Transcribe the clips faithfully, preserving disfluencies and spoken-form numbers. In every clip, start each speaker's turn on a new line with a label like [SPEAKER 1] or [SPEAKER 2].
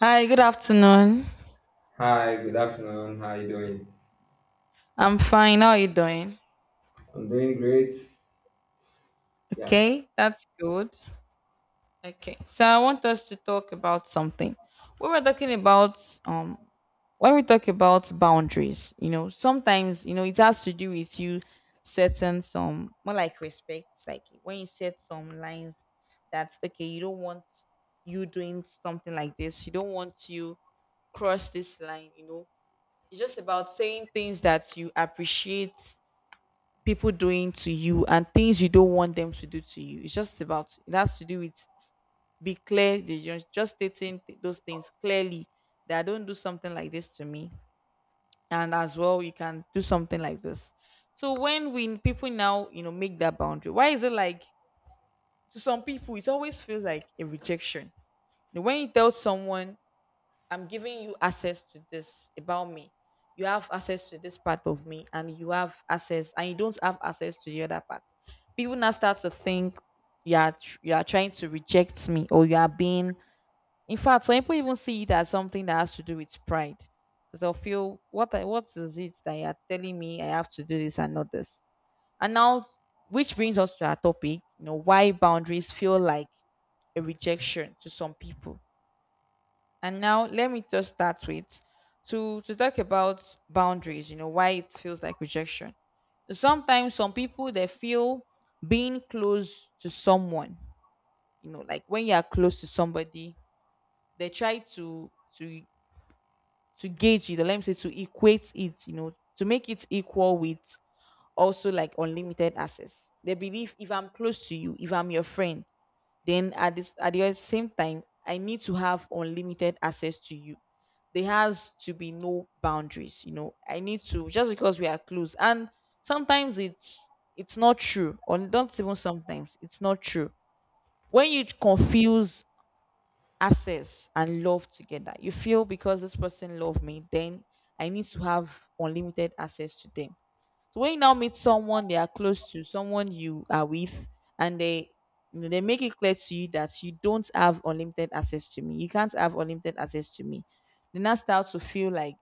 [SPEAKER 1] Hi, good afternoon.
[SPEAKER 2] Hi, good afternoon. How you doing?
[SPEAKER 1] I'm fine. How are you doing?
[SPEAKER 2] I'm doing great. Yeah.
[SPEAKER 1] Okay, that's good. Okay, so I want us to talk about something. We were talking about um when we talk about boundaries, you know, sometimes you know it has to do with you setting some more like respect, like when you set some lines that okay, you don't want you doing something like this, you don't want you cross this line, you know. It's just about saying things that you appreciate people doing to you and things you don't want them to do to you. It's just about it has to do with s- be clear, they ju- just stating th- those things clearly, that don't do something like this to me, and as well you can do something like this. So when we people now you know make that boundary, why is it like to some people it always feels like a rejection? You know, when you tell someone I'm giving you access to this about me. You have access to this part of me, and you have access, and you don't have access to the other part. People now start to think you are tr- you are trying to reject me, or you are being. In fact, some people even see it as something that has to do with pride, because they'll feel what I- what is it that you are telling me I have to do this and not this. And now, which brings us to our topic, you know, why boundaries feel like a rejection to some people, and now let me just start with to to talk about boundaries, you know, why it feels like rejection. Sometimes some people they feel being close to someone, you know, like when you are close to somebody, they try to to to gauge it, or let me say to equate it, you know, to make it equal with also like unlimited access. They believe if I'm close to you, if I'm your friend, then at this at the same time I need to have unlimited access to you, there has to be no boundaries, you know, I need to just because we are close. And sometimes it's it's not true, or don't even sometimes it's not true. When you confuse access and love together, you feel because this person love me then I need to have unlimited access to them. So when you now meet someone they are close to, someone you are with, and they, you know, they make it clear to you that you don't have unlimited access to me. You can't have unlimited access to me. They now start to feel like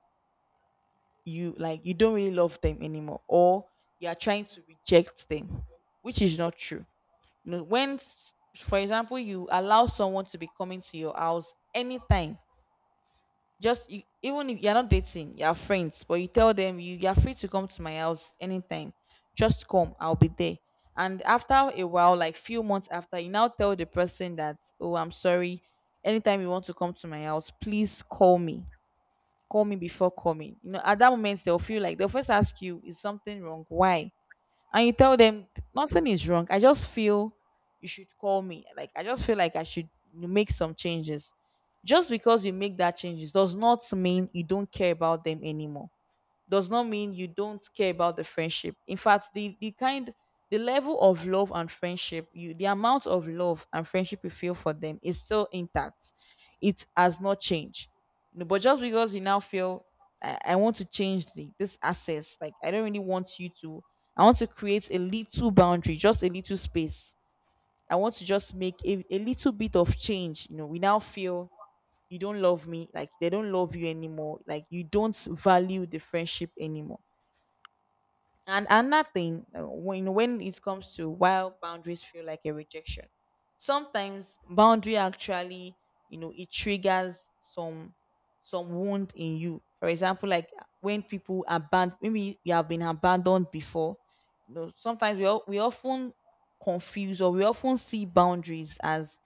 [SPEAKER 1] you, like you don't really love them anymore, or you are trying to reject them, which is not true. You know, when s- for example you allow someone to be coming to your house anytime, just you, even if you're not dating, you're friends, but you tell them you, you're free to come to my house anytime, just come, I'll be there. And after a while, like few months after, you now tell the person that oh I'm sorry, anytime you want to come to my house please call me. Call me before coming, you know, at that moment they'll feel like, they'll first ask you is something wrong, why. And you tell them nothing is wrong. I just feel you should call me. Like I just feel like I should make some changes. Just because you make that changes does not mean you don't care about them anymore, does not mean you don't care about the friendship. In fact, the the kind, the level of love and friendship you, the amount of love and friendship you feel for them is still intact. It has not changed. You know, but just because you now feel I, I want to change the, this access, like I don't really want you to, I want to create a little boundary, just a little space. I want to just make a, a little bit of change. You know, we now feel you don't love me, like they don't love you anymore, like you don't value the friendship anymore. And another thing, uh, when when it comes to why boundaries feel like a rejection, sometimes boundary actually, you know, it triggers some some wound in you. For example, like uh, when people abandon, maybe you have been abandoned before. You know, sometimes we all, we often confuse, or we often see boundaries as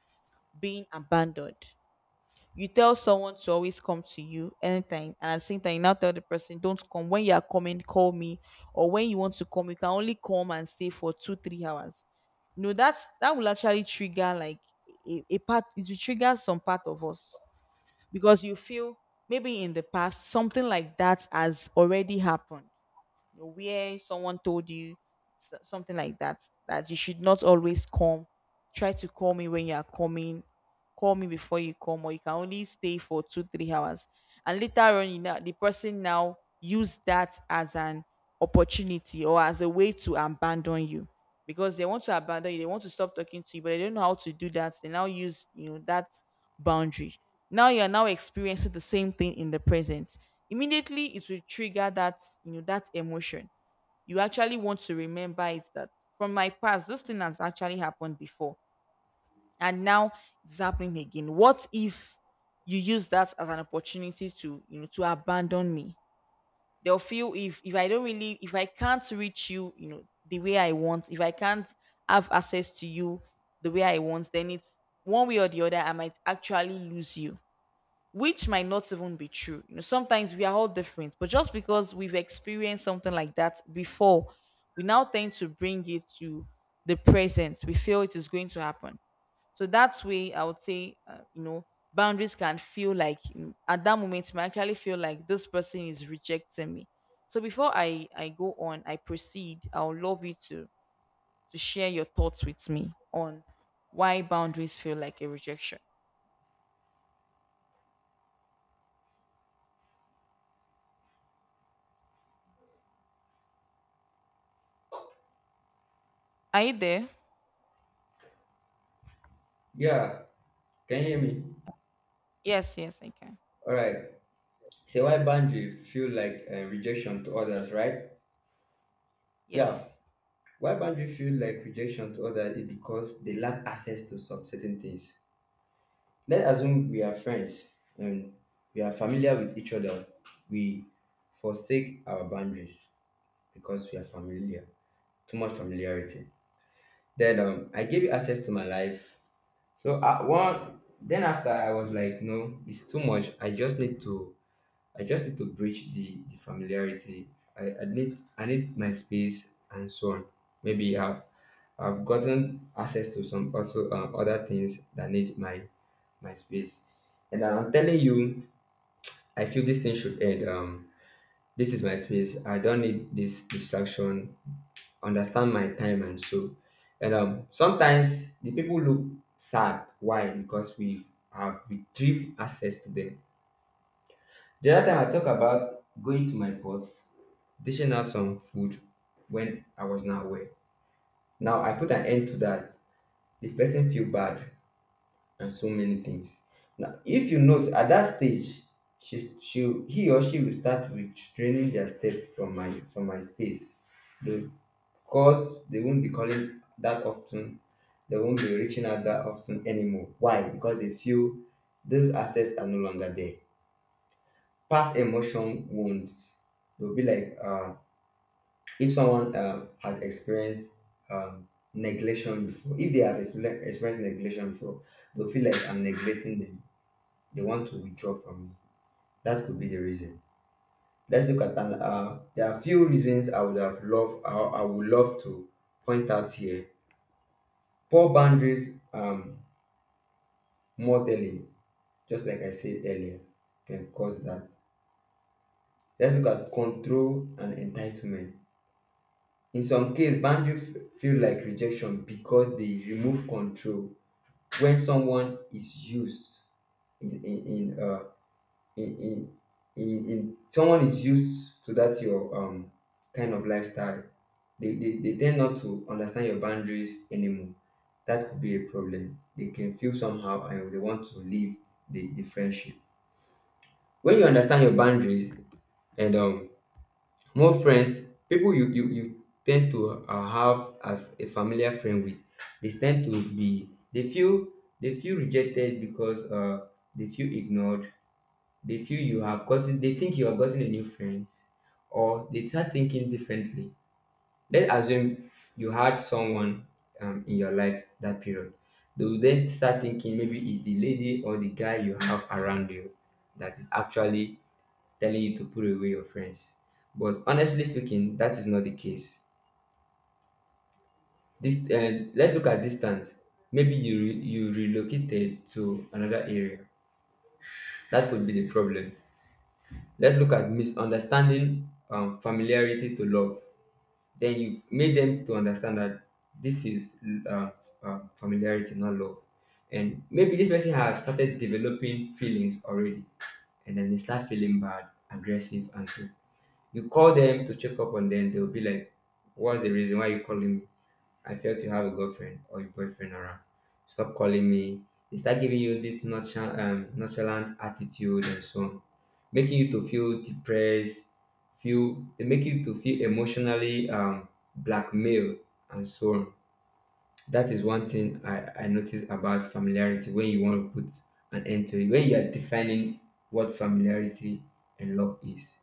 [SPEAKER 1] being abandoned. You tell someone to always come to you anytime, and at the same time you now tell the person don't come, when you are coming call me, or when you want to come you can only come and stay for two three hours. No, that's, that will actually trigger like a, a part, it will trigger some part of us, because you feel maybe in the past something like that has already happened. You know, where someone told you s- something like that, that you should not always come. Try to call me when you are coming. Call me before you come, or you can only stay for two, three hours. And later on, you know, the person now use that as an opportunity or as a way to abandon you, because they want to abandon you, they want to stop talking to you, but they don't know how to do that. They now use you know that boundary. Now you are now experiencing the same thing in the present. Immediately, it will trigger that, you know, that emotion. You actually want to remember it that from my past, this thing has actually happened before, and now it's happening again. What if you use that as an opportunity to you know to abandon me? They'll feel if if I don't really, if I can't reach you, you know, the way I want, if I can't have access to you the way I want, then it's one way or the other I might actually lose you, which might not even be true. You know, sometimes we are all different, but just because we've experienced something like that before, we now tend to bring it to the present. We feel it is going to happen. So that way, I would say, uh, you know, boundaries can feel like, you know, at that moment, it might actually feel like this person is rejecting me. So before I I go on, I proceed. I would love you to to share your thoughts with me on why boundaries feel like a rejection. Are you there?
[SPEAKER 2] Yeah. Can you hear me?
[SPEAKER 1] Yes, yes, I can.
[SPEAKER 2] All right. So why boundary feel like uh, rejection to others, right? Yeah.
[SPEAKER 1] Yes.
[SPEAKER 2] Why boundary feel like rejection to others is because they lack access to some certain things. Let's assume we are friends and we are familiar with each other. We forsake our boundaries because we are familiar. Too much familiarity. Then um, I gave you access to my life. So uh, one then after I was like, no, it's too much. I just need to I just need to breach the, the familiarity. I, I need I need my space and so on. Maybe I've I've gotten access to some also um, other things that need my my space. And I'm telling you, I feel this thing should end. Um, this is my space. I don't need this distraction understand my time and so. And um, sometimes the people look sad. Why? Because we have retrieved access to them. The other time I talk about going to my pots, dishing out some food when I was not aware. Now I put an end to that. The person feel bad and so many things. Now, if you note at that stage, she, she, he or she will start restraining their step from my from my space. Because they won't be calling that often, they won't be reaching out that often anymore. Why? Because they feel those assets are no longer there. Past emotion wounds. They'll be like, uh, if someone uh, had experienced um, neglection before, if they have experienced experienced neglection before, they'll feel like I'm neglecting them, they want to withdraw from me. That could be the reason. Let's look at an, uh, there are few reasons I would have loved I, I would love to point out here. Poor boundaries, um, more telling, just like I said earlier, can cause that. Let's look at control and entitlement. In some cases, boundaries f- feel like rejection because they remove control when someone is used in in, in uh, in in in in someone is used to that your um kind of lifestyle. they, they they tend not to understand your boundaries anymore. That could be a problem. They can feel somehow and they want to leave the, the friendship. When you understand your boundaries and um more friends, people you you, you tend to uh, have as a familiar friend with, they tend to be they feel they feel rejected because uh they feel ignored, they feel you have gotten, they think you have gotten a new friend, or they start thinking differently. Let's assume you had someone um, in your life that period. They will then start thinking maybe it's the lady or the guy you have around you that is actually telling you to put away your friends. But honestly speaking, that is not the case. This uh, let's look at distance. Maybe you re- you relocated to another area. That could be the problem. Let's look at misunderstanding um, familiarity to love. Then you made them to understand that this is um, um, familiarity, not love. And maybe this person has started developing feelings already, and then they start feeling bad, aggressive, and so you call them to check up on them. They'll be like, "What's the reason why you calling me?" I fail to have a girlfriend or a boyfriend around. Stop calling me. They start giving you this nonchalant, um, nonchalant attitude and so on, making you to feel depressed. Feel they make you to feel emotionally um, blackmailed and so on. That is one thing I, I noticed about familiarity when you want to put an end to it. When you are defining what familiarity and love is,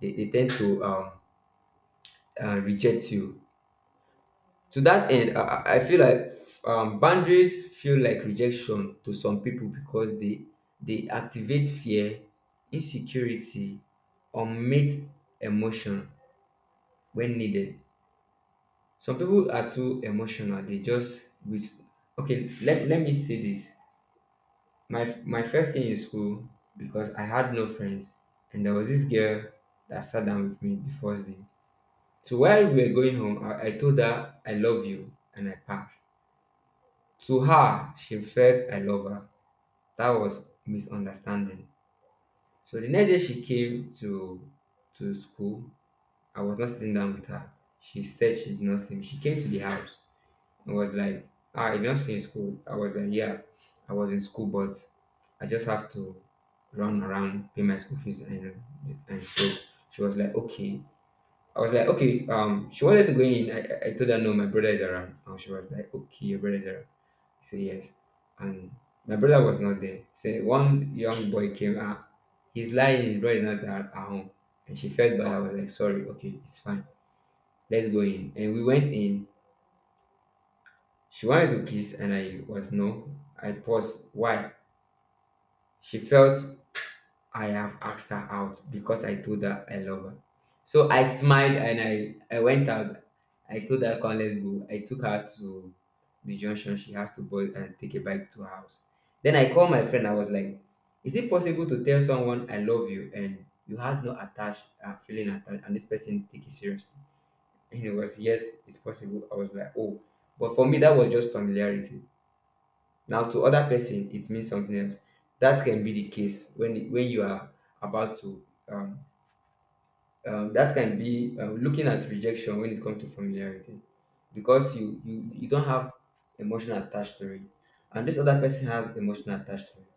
[SPEAKER 2] they, they tend to um, uh, reject you. To that end, I, I I feel like um, boundaries feel like rejection to some people because they they activate fear, insecurity, unmet emotion when needed. Some people are too emotional. They just with okay. Let, let me say this. My my first thing in school, because I had no friends, and there was this girl that sat down with me the first day. So while we were going home, I, I told her I love you, and I passed. To her, she felt I love her. That was misunderstanding. So the next day she came to to school. I was not sitting down with her. She said she did not see me. She came to the house and was like, ah, I did not see you in school. I was like, yeah, I was in school, but I just have to run around, pay my school fees and and so she was like, okay. I was like, okay, um, she wanted to go in. I, I I told her no, my brother is around. And she was like, okay, your brother is around. So yes, and my brother was not there. So one young boy came out. He's lying. His brother is not at, at home, and she felt bad. I was like, sorry, okay, it's fine. Let's go in. And we went in. She wanted to kiss, and I was no. I paused. Why? She felt I have asked her out because I told her I love her. So I smiled and I, I went out. I told her, come, let's go. I took her to the junction. She has to board and take a bike to her house. Then I called my friend. I was like, is it possible to tell someone I love you and you had no attached uh, feeling attached and this person take it seriously? And he was, yes, it's possible. I was like, oh. But for me, that was just familiarity. Now, to other person, it means something else. That can be the case when when you are about to. Um, um, that can be um, looking at rejection when it comes to familiarity, because you you you don't have emotional attached to it, and this other person has emotional attached to it.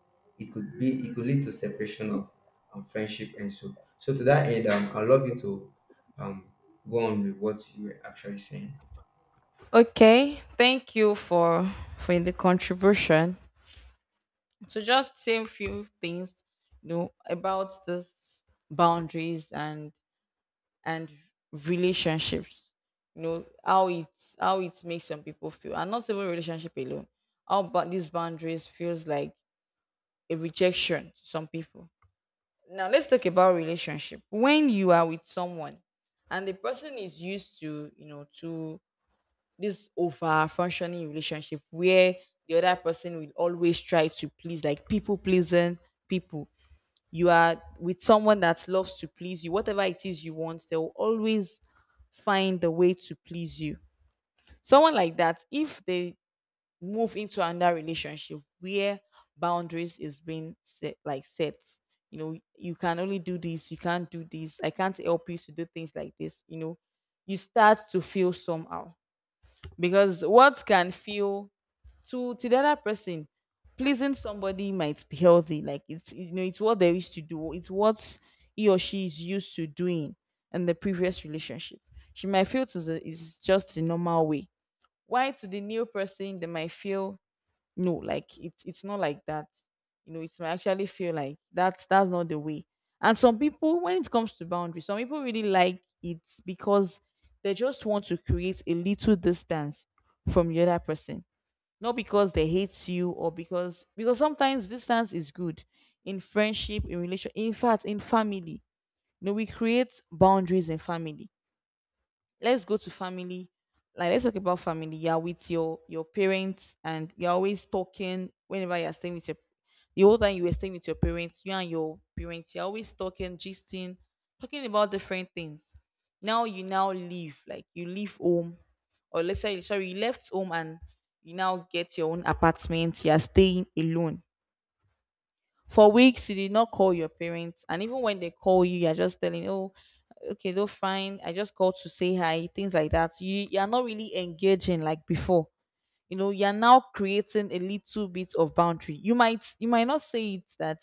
[SPEAKER 2] It could be it could lead to separation of um, friendship and so. So to that end, um, I love you to um, go on with what you were actually saying.
[SPEAKER 1] Okay. Thank you for for the contribution. So just same few things, you know, about this boundaries and and relationships, you know, how it how it makes some people feel, and not even relationship alone, how about these boundaries feels like a rejection to some people. Now let's talk about relationship. When you are with someone and the person is used to, you know, to this over functioning relationship where the other person will always try to please, like people pleasing people. You are with someone that loves to please you, whatever it is you want they'll always find the way to please you. Someone like that, if they move into another relationship where boundaries is being set, like set, you know, you can only do this, you can't do this, I can't help you to do things like this, you know, you start to feel somehow, because what can feel to to the other person pleasing somebody might be healthy, like it's, you know, it's what they used to do, it's what he or she is used to doing in the previous relationship. She might feel to the, is just the normal way, why to the new person they might feel no, like it's it's not like that. You know, it might actually feel like that's that's not the way. And some people when it comes to boundaries, some people really like it because they just want to create a little distance from the other person, not because they hate you or because because sometimes distance is good in friendship, in relation, in fact in family. You know, we create boundaries in family. Let's go to family. Like let's talk about family. You're with your your parents and you're always talking, whenever you're staying with your, the whole time you were staying with your parents, you and your parents you're always talking, gisting, talking about different things. Now you now leave, like you leave home, or let's say, sorry, you left home and you now get your own apartment, you're staying alone for weeks, you did not call your parents, and even when they call you, you're just telling, "Oh, okay, though fine. I just called to say hi," things like that. You you are not really engaging like before. You know, you're now creating a little bit of boundary. You might, you might not say it that,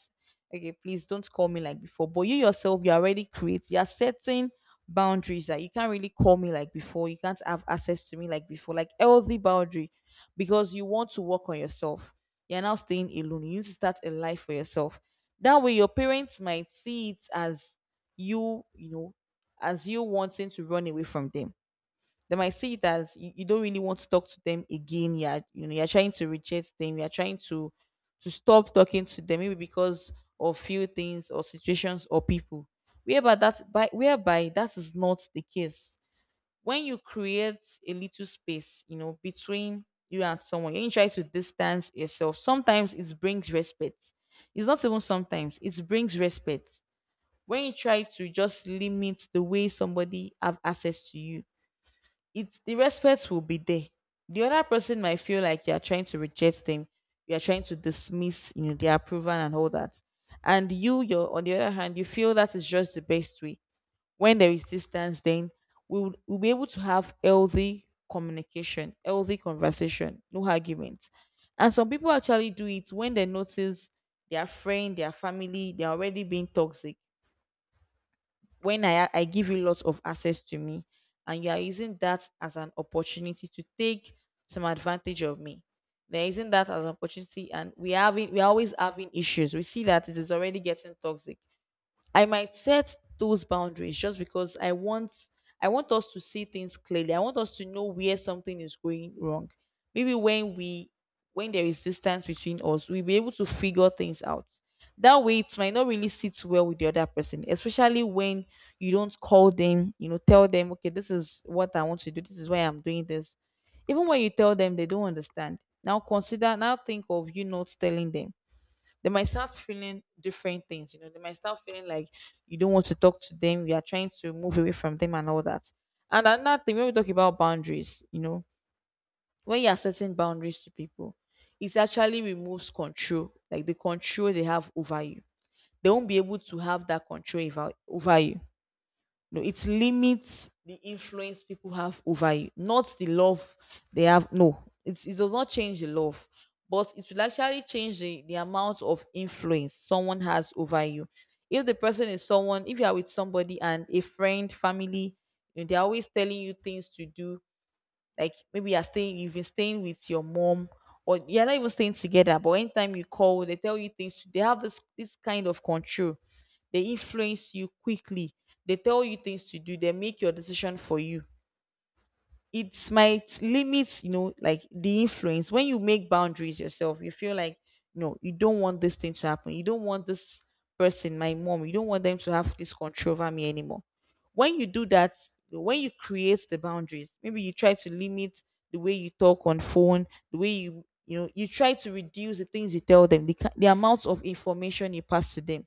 [SPEAKER 1] okay, please don't call me like before, but you yourself, you already create, you're setting boundaries that you can't really call me like before, you can't have access to me like before, like healthy boundary, because you want to work on yourself. You're now staying alone, you need to start a life for yourself. That way your parents might see it as, you you know as you wanting to run away from them. They might see it as you, you don't really want to talk to them again. Yeah, you know, you're trying to reject them. You're trying to to stop talking to them, maybe because of few things or situations or people. Whereby that by whereby that is not the case. When you create a little space, you know, between you and someone, you try to distance yourself. Sometimes it brings respect. It's not even sometimes, it brings respect when you try to just limit the way somebody have access to you, it's the respect will be there. The other person might feel like you're trying to reject them, you're trying to dismiss, you know, their approval and all that. And you, you're on the other hand, you feel that is just the best way. When there is distance, then we will we'll be able to have healthy communication, healthy conversation, no arguments. And some people actually do it when they notice their friend, their family, they're already being toxic. When I I give you lots of access to me, and you are using that as an opportunity to take some advantage of me. They're using that as an opportunity, and we having we are always having issues. We see that it is already getting toxic. I might set those boundaries just because I want I want us to see things clearly. I want us to know where something is going wrong. Maybe when we when there is distance between us, we'll be able to figure things out. That way it might not really sit well with the other person, especially when you don't call them, you know, tell them, okay, this is what I want to do, this is why I'm doing this. Even when you tell them they don't understand. Now consider now think of you not telling them, they might start feeling different things. You know, they might start feeling like you don't want to talk to them, you are trying to move away from them and all that. And another thing, when we talk about boundaries, you know, when you are setting boundaries to people, it actually removes control, like the control they have over you. They won't be able to have that control over, over you. No, it limits the influence people have over you, not the love they have. No, it, it does not change the love, but it will actually change the, the amount of influence someone has over you. If the person is someone, if you are with somebody and a friend, family, you know, they're always telling you things to do, like maybe you're staying, you've been staying with your mom, or you're not even staying together. But anytime you call, they tell you things. They have this this kind of control. They influence you quickly. They tell you things to do. They make your decision for you. It might limit, you know, like the influence. When you make boundaries yourself, you feel like, no, you don't want this thing to happen, you don't want this person, my mom, you don't want them to have this control over me anymore. When you do that, when you create the boundaries, maybe you try to limit the way you talk on phone, the way you, you know, you try to reduce the things you tell them, the, ki- the amount of information you pass to them,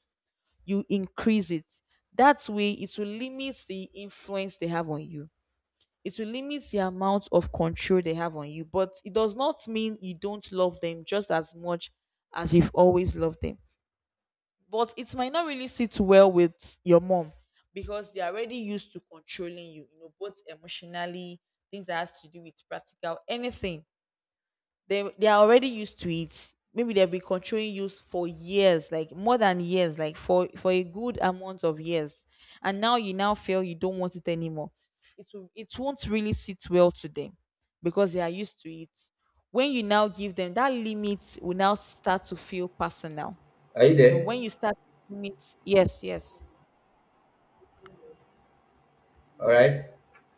[SPEAKER 1] you increase it. That way it will limit the influence they have on you, it will limit the amount of control they have on you, but it does not mean you don't love them just as much as you've always loved them. But it might not really sit well with your mom, because they're already used to controlling you, you know, both emotionally, things that has to do with practical anything. They they are already used to it. Maybe they've been controlling you for years, like more than years, like for for a good amount of years, and now you now feel you don't want it anymore. It will, it won't really sit well to them because they are used to it. When you now give them that limit, will now start to feel personal.
[SPEAKER 2] Are you
[SPEAKER 1] You know,
[SPEAKER 2] there?
[SPEAKER 1] when you start to limit, yes, yes
[SPEAKER 2] All right.